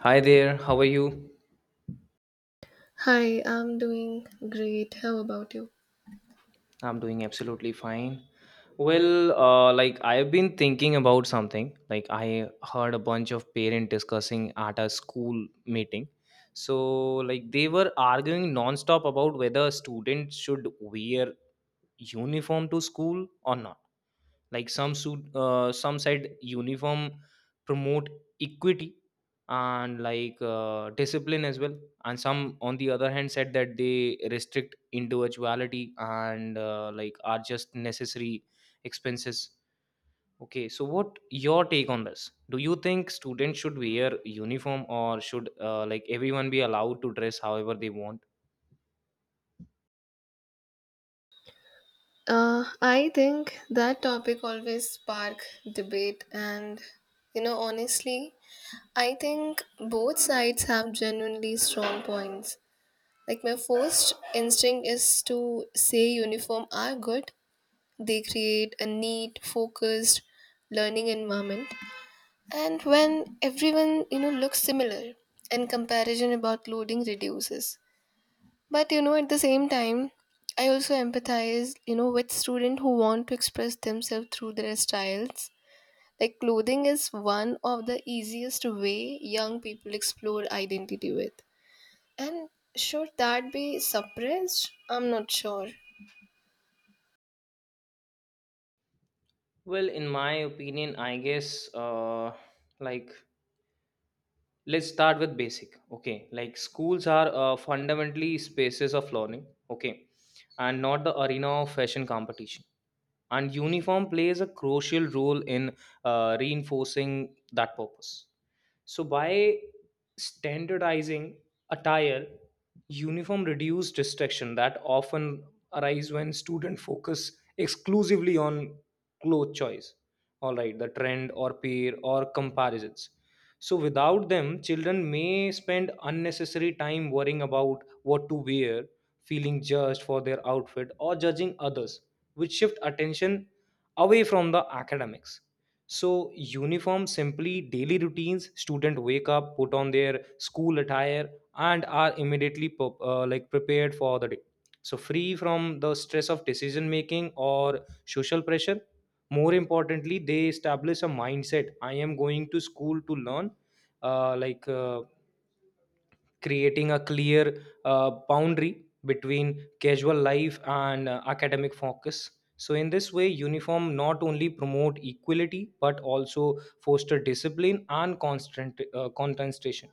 Hi there, how are you? Hi, I'm doing great. How about you? I'm doing absolutely fine. Well, like I've been thinking about something. Like I heard a bunch of parents discussing at a school meeting. So, like they were arguing nonstop about whether students should wear uniform to school or not, like some said uniform promote equity and like discipline as well, and some on the other hand said that they restrict individuality and like are just necessary expenses. Okay, so what your take on this? Do you think students should wear uniform or should like everyone be allowed to dress however they want? I think that topic always spark debate and honestly, I think both sides have genuinely strong points. Like my first instinct is to say uniform are good. They create a neat, focused learning environment. And when everyone, looks similar and comparison about loading reduces. But at the same time, I also empathize, with students who want to express themselves through their styles. Like clothing is one of the easiest way young people explore identity with. And should that be suppressed? I'm not sure. Well, in my opinion, I guess like let's start with basic. Okay, like schools are fundamentally spaces of learning, okay, and not the arena of fashion competition. And uniform plays a crucial role in reinforcing that purpose. So by standardizing attire, uniform reduce distraction that often arise when student focus exclusively on cloth choice. All right, the trend or peer or comparisons. So without them, children may spend unnecessary time worrying about what to wear, feeling judged for their outfit or judging others, which shift attention away from the academics. So uniform simply daily routines, student wake up, put on their school attire, and are immediately like prepared for the day, so free from the stress of decision making or social pressure. More importantly, they establish a mindset: I am going to school to learn, uh, like uh, creating a clear boundary between casual life and academic focus. So, in this way, uniform not only promote equality but also foster discipline and constant concentration.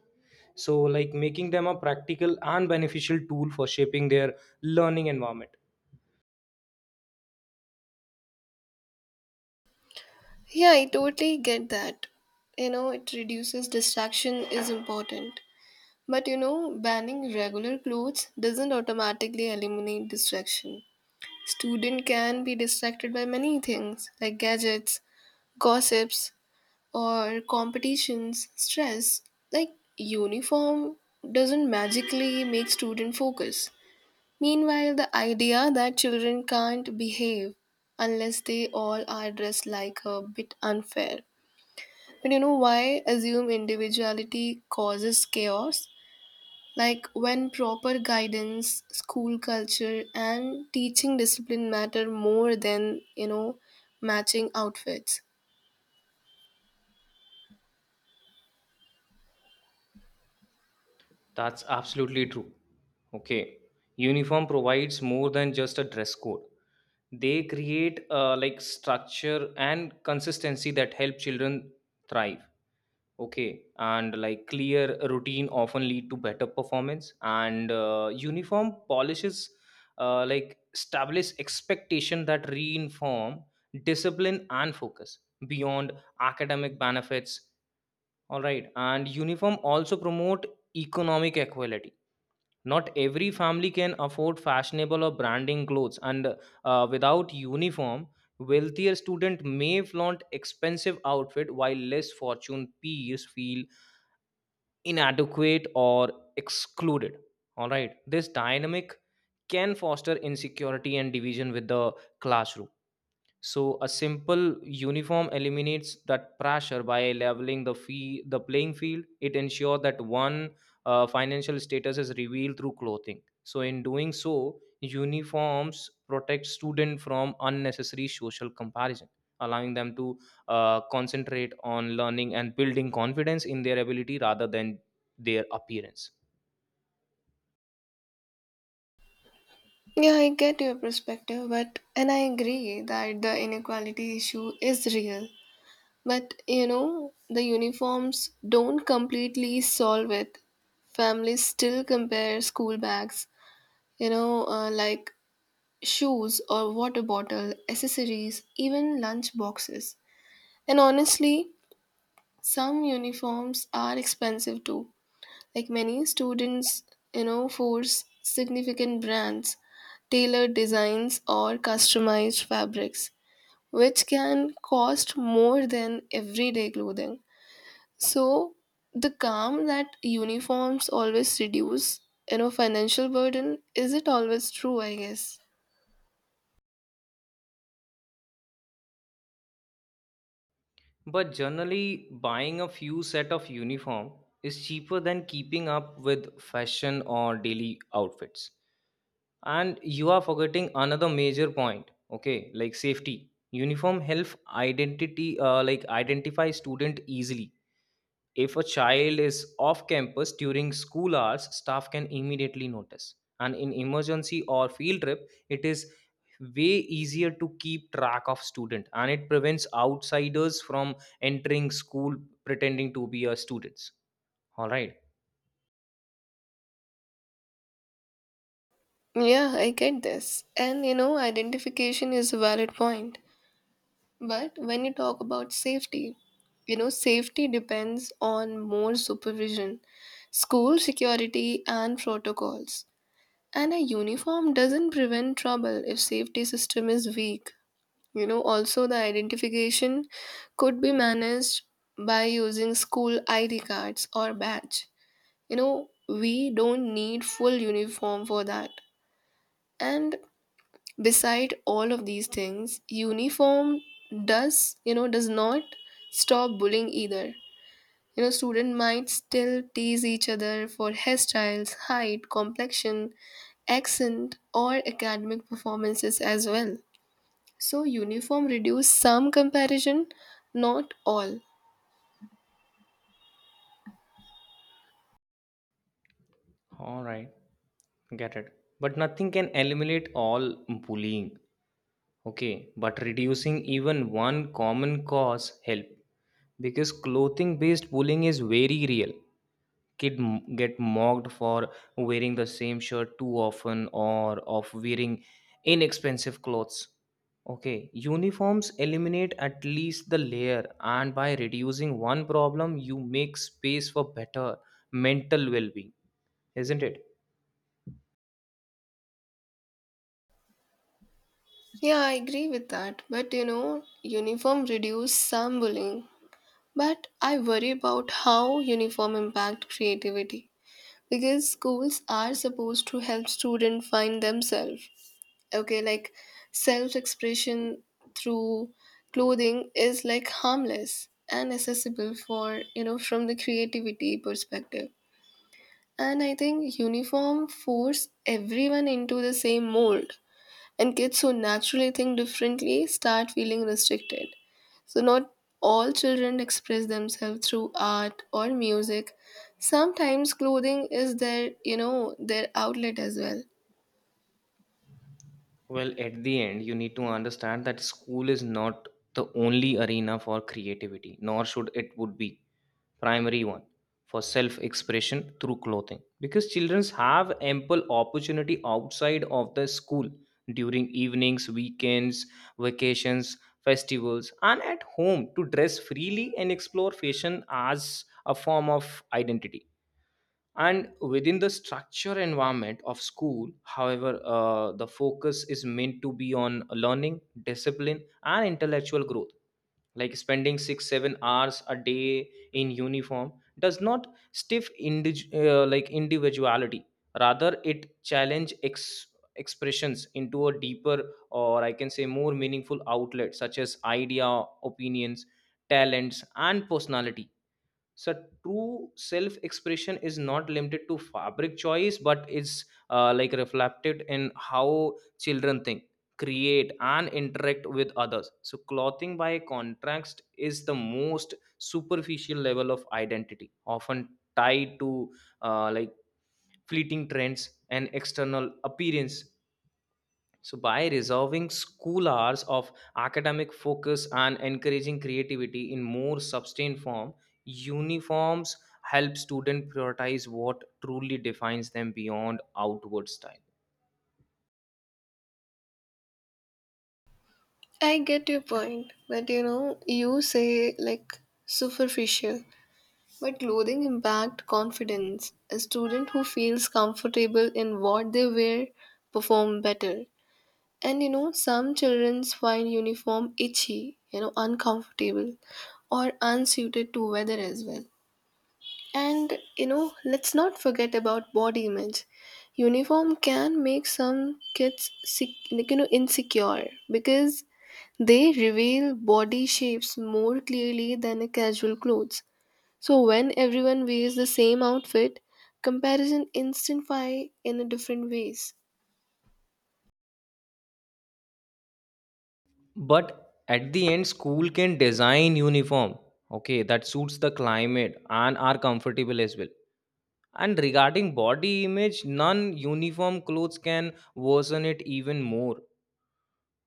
So, like making them a practical and beneficial tool for shaping their learning environment. Yeah, I totally get that. It reduces distraction is important. But banning regular clothes doesn't automatically eliminate distraction. Student can be distracted by many things like gadgets, gossips, or competitions, stress. Like uniform doesn't magically make student focus. Meanwhile, the idea that children can't behave unless they all are dressed like a bit unfair. But why assume individuality causes chaos? Like when proper guidance, school culture, and teaching discipline matter more than, matching outfits. That's absolutely true. Okay, uniform provides more than just a dress code. They create like structure and consistency that help children thrive. Okay, and like clear routine often lead to better performance, and uniform polishes like establish expectation that reinform discipline and focus beyond academic benefits. All right, and uniform also promote economic equality. Not every family can afford fashionable or branding clothes, and without uniform, wealthier student may flaunt expensive outfit while less fortunate peers feel inadequate or excluded. All right, this dynamic can foster insecurity and division with the classroom. So a simple uniform eliminates that pressure by leveling the playing field. It ensures that one financial status is revealed through clothing. So in doing so, uniforms protect students from unnecessary social comparison, allowing them to concentrate on learning and building confidence in their ability rather than their appearance. Yeah, I get your perspective, but and I agree that the inequality issue is real. But the uniforms don't completely solve it. Families still compare school bags, you know, uh, like shoes or water bottle, accessories, even lunch boxes. And honestly, some uniforms are expensive too. Like many students, force significant brands, tailored designs, or customized fabrics, which can cost more than everyday clothing. So, the calm that uniforms always reduce, financial burden, is it always true, I guess? But generally, buying a few set of uniform is cheaper than keeping up with fashion or daily outfits. And you are forgetting another major point, okay, like safety. Uniform help identity, like identify student easily. If a child is off campus during school hours, staff can immediately notice. And in emergency or field trip, it is way easier to keep track of student, and it prevents outsiders from entering school pretending to be a students. All right. Yeah, I get this. And, identification is a valid point. But when you talk about safety, safety depends on more supervision, school security, and protocols. And a uniform doesn't prevent trouble if safety system is weak. Also the identification could be managed by using school ID cards or badge. We don't need full uniform for that. And beside all of these things uniform does does not stop bullying either. You know, student might still tease each other for hairstyles, height, complexion, accent or academic performances as well. So uniform reduce some comparison, not all. All right. Get it. But nothing can eliminate all bullying. Okay, but reducing even one common cause help, because clothing based bullying is very real. Get mocked for wearing the same shirt too often or of wearing inexpensive clothes. Okay, uniforms eliminate at least the layer, and by reducing one problem you make space for better mental well-being, isn't it? Yeah, I agree with that, but uniform reduce some bullying, but I worry about how uniform impact creativity because schools are supposed to help students find themselves. Okay, like self-expression through clothing is like harmless and accessible for, from the creativity perspective. And I think uniform force everyone into the same mold and kids who naturally think differently start feeling restricted. So, not all children express themselves through art or music. Sometimes clothing is their, their outlet as well. Well, at the end, you need to understand that school is not the only arena for creativity, nor should it would be primary one for self expression through clothing, because children have ample opportunity outside of the school during evenings, weekends, vacations, festivals, and at home to dress freely and explore fashion as a form of identity. And within the structure environment of school, however, the focus is meant to be on learning, discipline, and intellectual growth, like spending 6 7 hours a day in uniform does not stiff like individuality, rather it challenge expressions into a deeper, or I can say more meaningful outlet such as idea, opinions, talents, and personality. So true self expression is not limited to fabric choice but is like reflected in how children think, create, and interact with others. So clothing by contrast is the most superficial level of identity, often tied to like fleeting trends and external appearance. So, by resolving school hours of academic focus and encouraging creativity in more sustained form, uniforms help students prioritize what truly defines them beyond outward style. I get your point, but you say like superficial. But clothing impact confidence. A student who feels comfortable in what they wear perform better. And some childrens find uniform itchy, uncomfortable or unsuited to weather as well. And let's not forget about body image. Uniform can make some kids sick, like, insecure because they reveal body shapes more clearly than a casual clothes. So when everyone wears the same outfit, comparison intensify in a different ways. But at the end, school can design uniform, okay, that suits the climate and are comfortable as well. And regarding body image, non-uniform clothes can worsen it even more,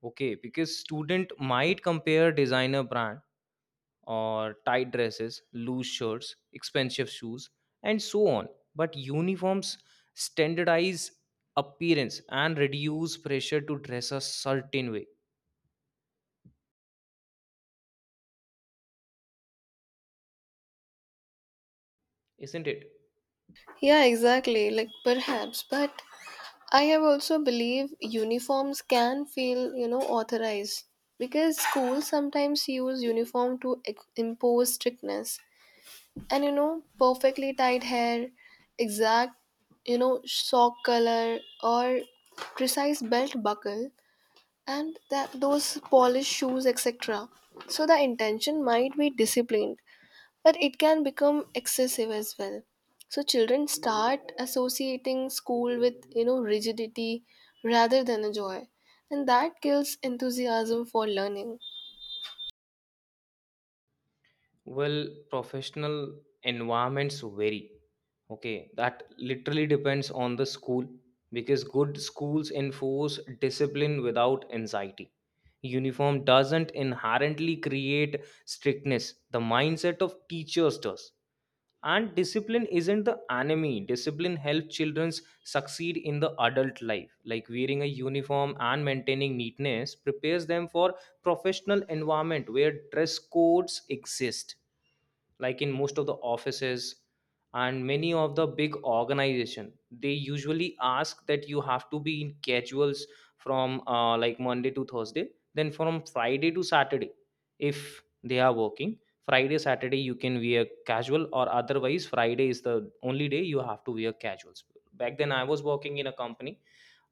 okay, because student might compare designer brand or tight dresses, loose shirts, expensive shoes, and so on. But uniforms standardize appearance and reduce pressure to dress a certain way, isn't it? Yeah, exactly. Like perhaps, but I have also believe uniforms can feel, authorized because schools sometimes use uniform to impose strictness. And perfectly tied hair, exact, sock color or precise belt buckle and that those polished shoes etc. So the intention might be disciplined but it can become excessive as well. So children start associating school with, rigidity rather than a joy, and that kills enthusiasm for learning. Well, professional environments vary. Okay, that literally depends on the school, because good schools enforce discipline without anxiety. Uniform doesn't inherently create strictness, the mindset of teachers does. And discipline isn't the enemy. Discipline helps children succeed in the adult life, like wearing a uniform and maintaining neatness prepares them for professional environment where dress codes exist, like in most of the offices. And many of the big organization, they usually ask that you have to be in casuals from like Monday to Thursday, then from Friday to Saturday. If they are working Friday Saturday, you can wear casual, or otherwise Friday is the only day you have to wear casuals. Back then I was working in a company,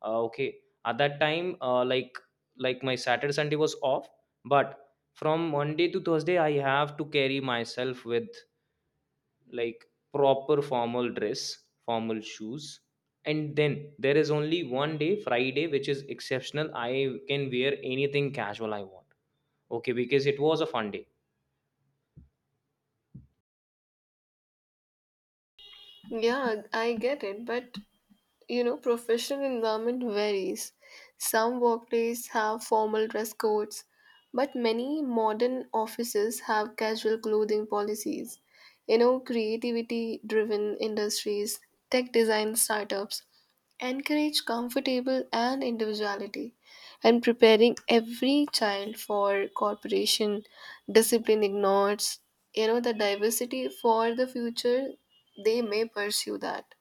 okay. At that time, like my Saturday Sunday was off, but from Monday to Thursday I have to carry myself with like proper formal dress, formal shoes. And then there is only one day, Friday, which is exceptional. I can wear anything casual I want. Okay, because it was a fun day. Yeah, I get it, but you know professional environment varies. Some workplaces have formal dress codes, but many modern offices have casual clothing policies. Creativity driven industries, tech design startups encourage comfortable and individuality, and preparing every child for corporation discipline ignores, the diversity for the future they may pursue that.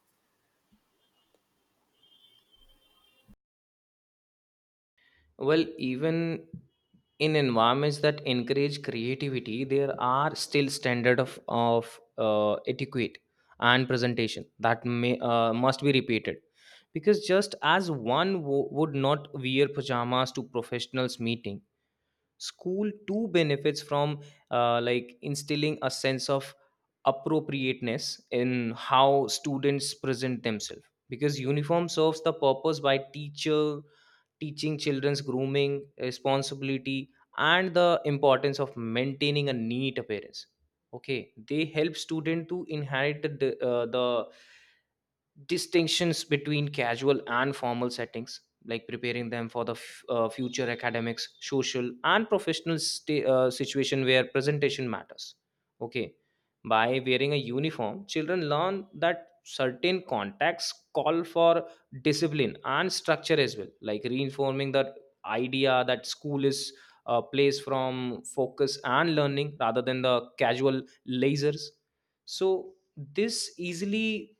Well, even in environments that encourage creativity, there are still standard of etiquette and presentation that may must be repeated, because just as one would not wear pajamas to professionals meeting, school too benefits from like instilling a sense of appropriateness in how students present themselves, because uniform serves the purpose by teacher teaching children's grooming responsibility and the importance of maintaining a neat appearance. Okay, they help student to inherit the distinctions between casual and formal settings, like preparing them for the future academics social and professional situation where presentation matters. Okay, by wearing a uniform, children learn that certain contexts call for discipline and structure as well, like reinforming the idea that school is a place from focus and learning rather than the casual lasers. So this easily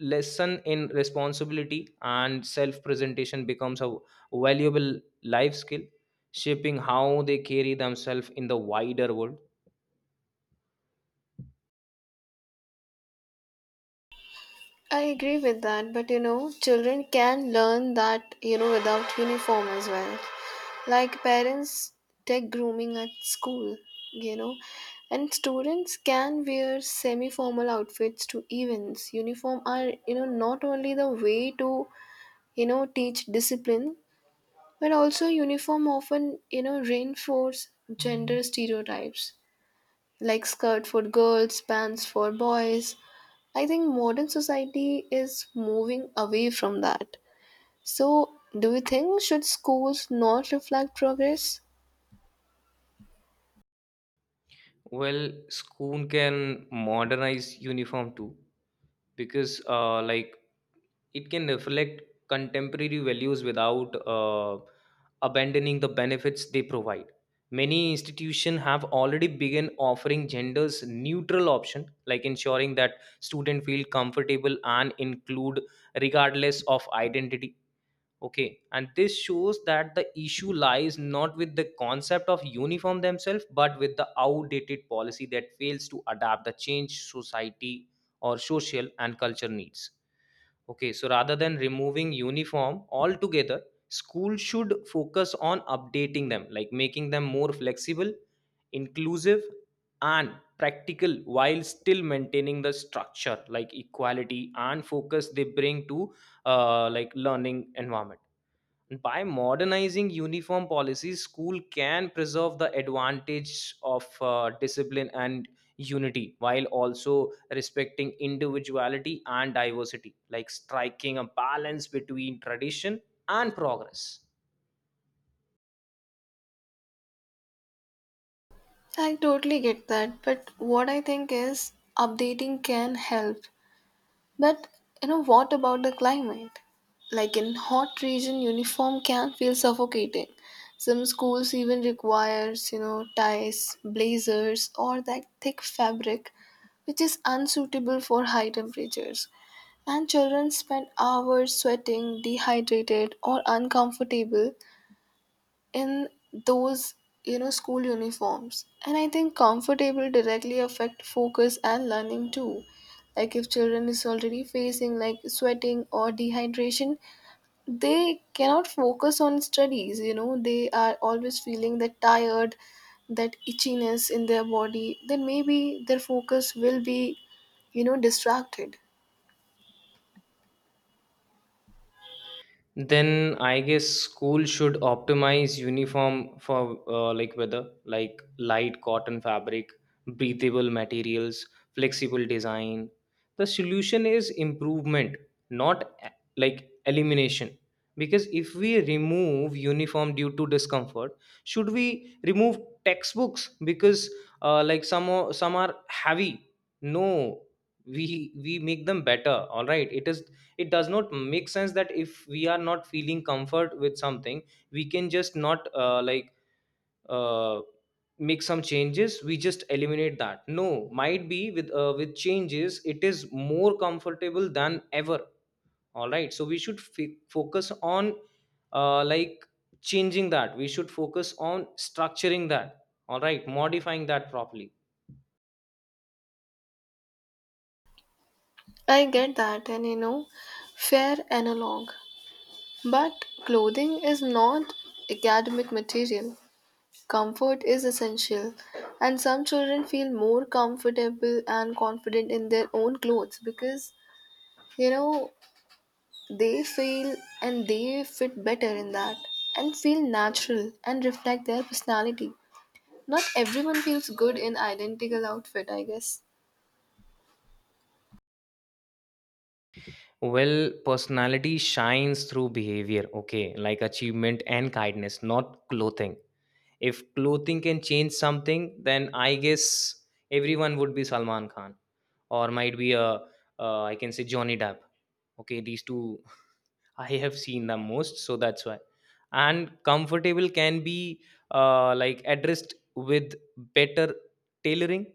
lesson in responsibility and self presentation becomes a valuable life skill, shaping how they carry themselves in the wider world. I agree with that, but children can learn that, without uniform as well. Like parents take grooming at school, you know, and students can wear semi formal outfits to events. Uniform are, not only the way to, teach discipline, but also uniform often, reinforce gender stereotypes like skirt for girls, pants for boys. I think modern society is moving away from that. So, do you think should schools not reflect progress? Well, school can modernize uniform too, because like it can reflect contemporary values without abandoning the benefits they provide. Many institutions have already begun offering genders neutral option, like ensuring that students feel comfortable and include regardless of identity. Okay, and this shows that the issue lies not with the concept of uniform themselves, but with the outdated policy that fails to adapt the change society or social and culture needs. Okay, so rather than removing uniform altogether, school should focus on updating them, like making them more flexible, inclusive, and practical while still maintaining the structure like equality and focus they bring to like learning environment. By modernizing uniform policies, school can preserve the advantage of discipline and unity while also respecting individuality and diversity, like striking a balance between tradition and progress. I totally get that, but what I think is updating can help. But what about the climate? Like in hot region uniform can feel suffocating. Some schools even requires, ties, blazers or that thick fabric which is unsuitable for high temperatures. And children spend hours sweating, dehydrated, or uncomfortable in those, school uniforms. And I think comfortable directly affect focus and learning too. Like if children is already facing like sweating or dehydration, they cannot focus on studies, they are always feeling that tired, that itchiness in their body, then maybe their focus will be, distracted. Then I guess school should optimize uniform for like weather, like light cotton fabric, breathable materials, flexible design. The solution is improvement, not like elimination. Because if we remove uniform due to discomfort, should we remove textbooks because like some are heavy? No, we make them better. All right, it is it does not make sense that if we are not feeling comfort with something we can just not uh, make some changes we just eliminate that. No, might be with changes it is more comfortable than ever. All right, so we should focus on uh, like changing that. We should focus on structuring that, all right, modifying that properly. I get that, and fair analog. But clothing is not academic material. Comfort is essential, and some children feel more comfortable and confident in their own clothes because, you know they feel and they fit better in that and feel natural and reflect their personality. Not everyone feels good in identical outfit, I guess. Well, personality shines through behavior, okay, like achievement and kindness, not clothing. If clothing can change something, then I guess everyone would be Salman Khan, or might be a I can say Johnny Depp. Okay, these two I have seen the most, so that's why. And comfortable can be addressed with better tailoring,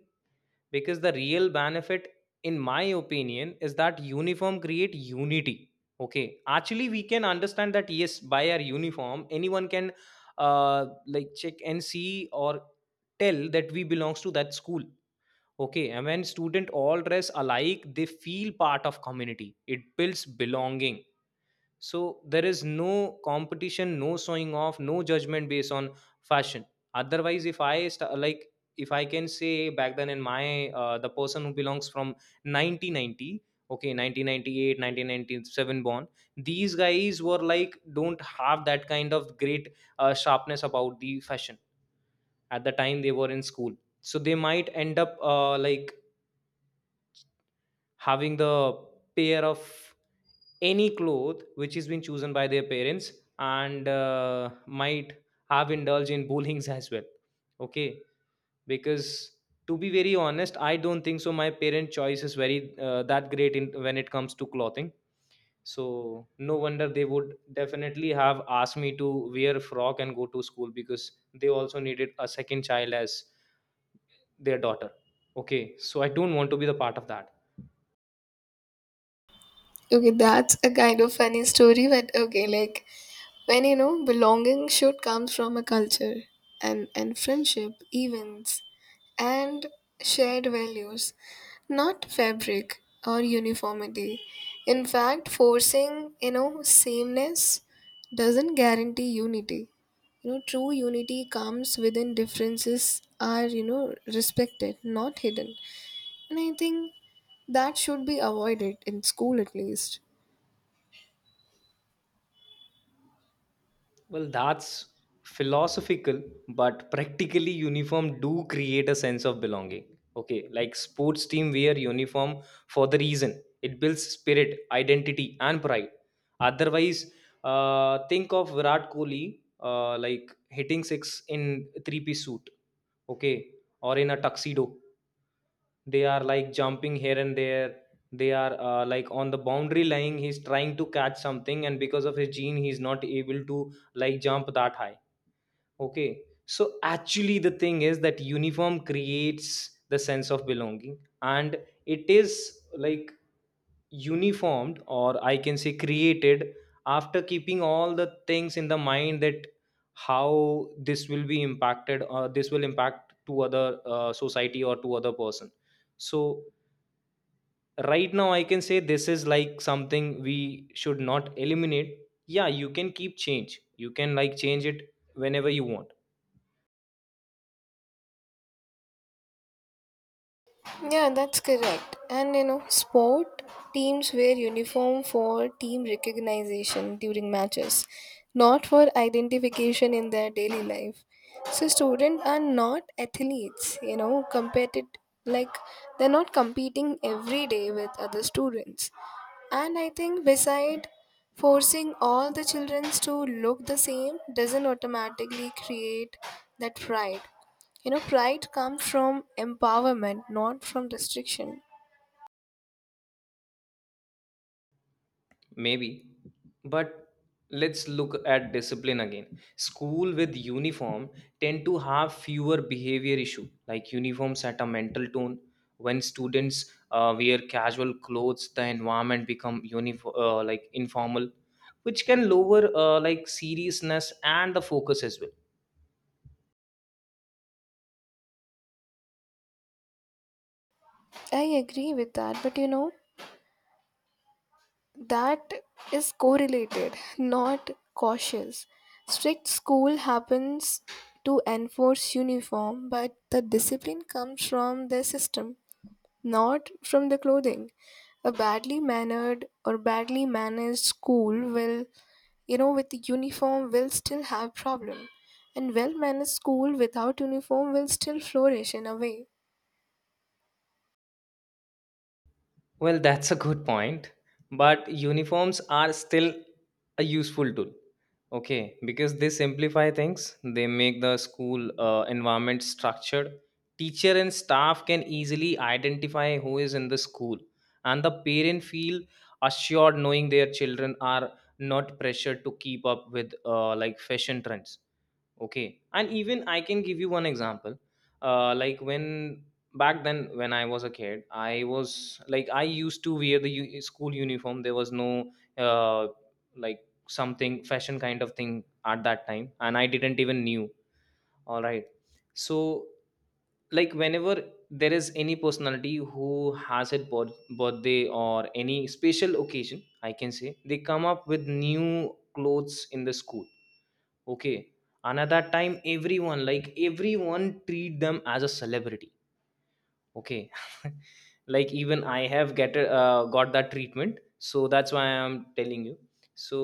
because the real benefit in my opinion is that uniform create unity. Okay, actually we can understand that, yes, by our uniform anyone can check and see, or tell that we belongs to that school. Okay, and when student all dress alike, they feel part of community, it builds belonging. So there is no competition, no showing off, no judgment based on fashion. Otherwise, if I can say back then in my the person who belongs from 1990, okay, 1998, 1997 born, these guys were like don't have that kind of great sharpness about the fashion at the time they were in school. So they might end up having the pair of any cloth which has been chosen by their parents, and might have indulged in bullying as well. Okay, because to be very honest, I don't think so my parent choice is very that great in when it comes to clothing. So no wonder they would definitely have asked me to wear a frock and go to school, because they also needed a second child as their daughter. Okay, so I don't want to be the part of that. Okay, that's a kind of funny story, but okay, like when belonging should come from a culture and friendship events and shared values, not fabric or uniformity. In fact, forcing, sameness doesn't guarantee unity. You know, true unity comes within differences are, respected not hidden. And I think that should be avoided in school at least. Well, that's philosophical, but practically uniform do create a sense of belonging. Okay, like sports team wear uniform for the reason it builds spirit, identity, and pride. Otherwise, think of Virat Kohli hitting six in three-piece suit, okay, or in a tuxedo. They are like jumping here and there. They are on the boundary line. He's trying to catch something, and because of his gene, he's not able to like jump that high. Okay. So actually, the thing is that uniform creates the sense of belonging, and it is like uniformed, or I can say created, after keeping all the things in the mind, that how this will be impacted, or this will impact to other society or to other person. So right now, I can say this is like something we should not eliminate. Yeah, you can keep change. You can like change it whenever you want. Yeah, that's correct. And, sport teams wear uniform for team recognition during matches, not for identification in their daily life. So students are not athletes, competed, like they're not competing every day with other students. And I think beside forcing all the children to look the same doesn't automatically create that pride. Pride comes from empowerment, not from restriction. Maybe. But let's look at discipline again. School with uniform tend to have fewer behavior issue. Like uniform set a mental tone. When students wear casual clothes, the environment become uniform, like informal, which can lower seriousness and the focus as well. I agree with that, but that is correlated, not cautious. Strict school happens to enforce uniform, but the discipline comes from their system. Not from the clothing. A badly mannered or badly managed school will, with the uniform will still have problem. And well-managed school without uniform will still flourish in a way. Well, that's a good point, but uniforms are still a useful tool. Okay, because they simplify things, they make the school environment structured. Teacher and staff can easily identify who is in the school, and the parent feel assured knowing their children are not pressured to keep up with fashion trends. Okay, and even I can give you one example. When back then when I was a kid, I was like I used to wear the school uniform. There was no uh, like something fashion kind of thing at that time, and I didn't even knew. All right. So like whenever there is any personality who has a birthday or any special occasion, I can say they come up with new clothes in the school. Okay, and at that time everyone, like everyone treat them as a celebrity. Okay. Like even I have get got that treatment, so that's why I'm telling you. So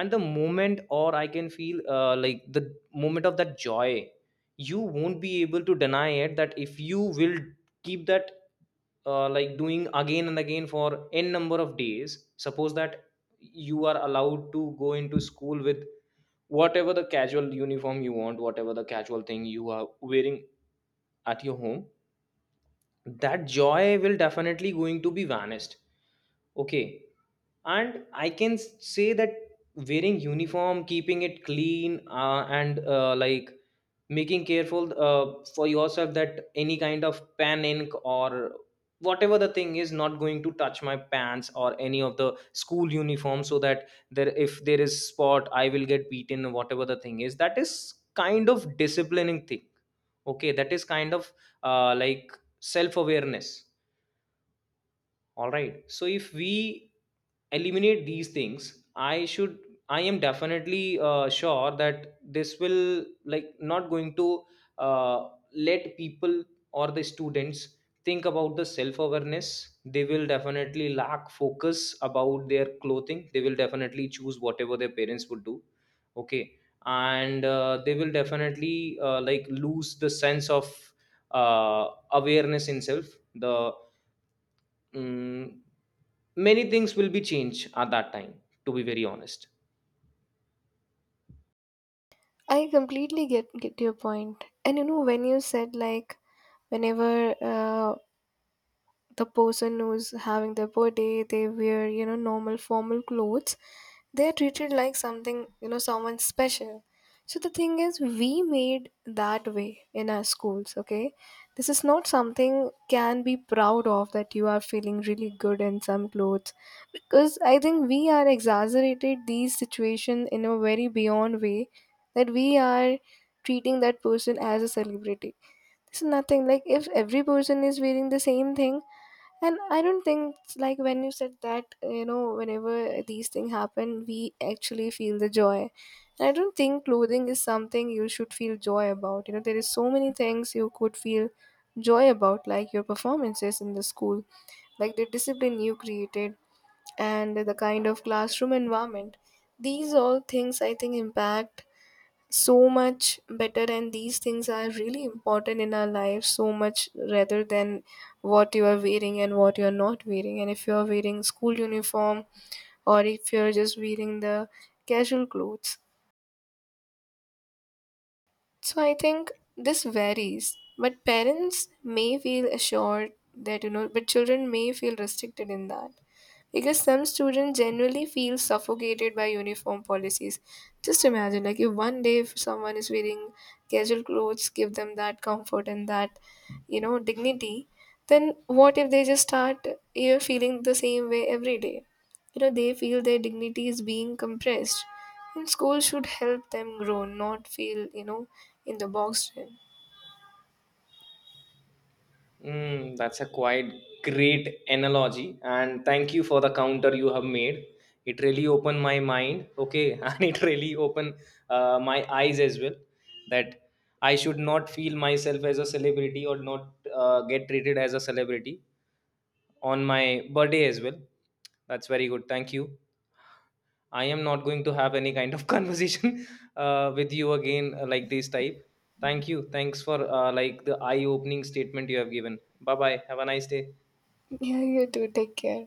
and the moment or I can feel the moment of that joy, you won't be able to deny it. That if you will keep that doing again and again for n number of days. Suppose that you are allowed to go into school with whatever the casual uniform you want, whatever the casual thing you are wearing at your home, that joy will definitely going to be vanished. Okay. And I can say that wearing uniform, keeping it clean, and like making careful for yourself that any kind of pen ink or whatever the thing is not going to touch my pants or any of the school uniform, so that there if there is spot I will get beaten or whatever the thing is, that is kind of disciplining thing. Okay, that is kind of uh, like self awareness. All right, so if we eliminate these things, i should I am definitely sure that this will like not going to uh, let people or the students think about the self awareness. They will definitely lack focus about their clothing. They will definitely choose whatever their parents would do. Okay, and they will definitely lose the sense of uh, awareness in self. The mm Many things will be changed at that time, to be very honest. I completely get your point. And when you said like whenever the person who's having their birthday they wear, normal formal clothes, they're treated like something, someone special. So the thing is we made that way in our schools. Okay, this is not something can be proud of, that you are feeling really good in some clothes. Because I think we are exaggerated these situation in a very beyond way, that we are treating that person as a celebrity. It's nothing like if every person is wearing the same thing. And I don't think like when you said that, whenever these things happen, we actually feel the joy. And I don't think clothing is something you should feel joy about. There is so many things you could feel joy about, like your performances in the school, like the discipline you created, and the kind of classroom environment. These all things I think impact so much better, and these things are really important in our lives so much rather than what you are wearing and what you are not wearing, and if you are wearing school uniform or if you are just wearing the casual clothes. So I think this varies, but parents may feel assured that, but children may feel restricted in that. Because some students generally feel suffocated by uniform policies. Just imagine, like, if one day if someone is wearing casual clothes, give them that comfort and that, dignity, then what if they just start, feeling the same way every day? You know, they feel their dignity is being compressed, and school should help them grow, not feel, in the box. Mm, that's a quite great analogy, and thank you for the counter you have made. It really opened my mind, okay, and it really opened my eyes as well. That I should not feel myself as a celebrity or not get treated as a celebrity on my birthday as well. That's very good. Thank you. I am not going to have any kind of conversation with you again this type. Thank you. Thanks for the eye opening statement you have given. Bye bye. Have a nice day. Yeah, you too, take care.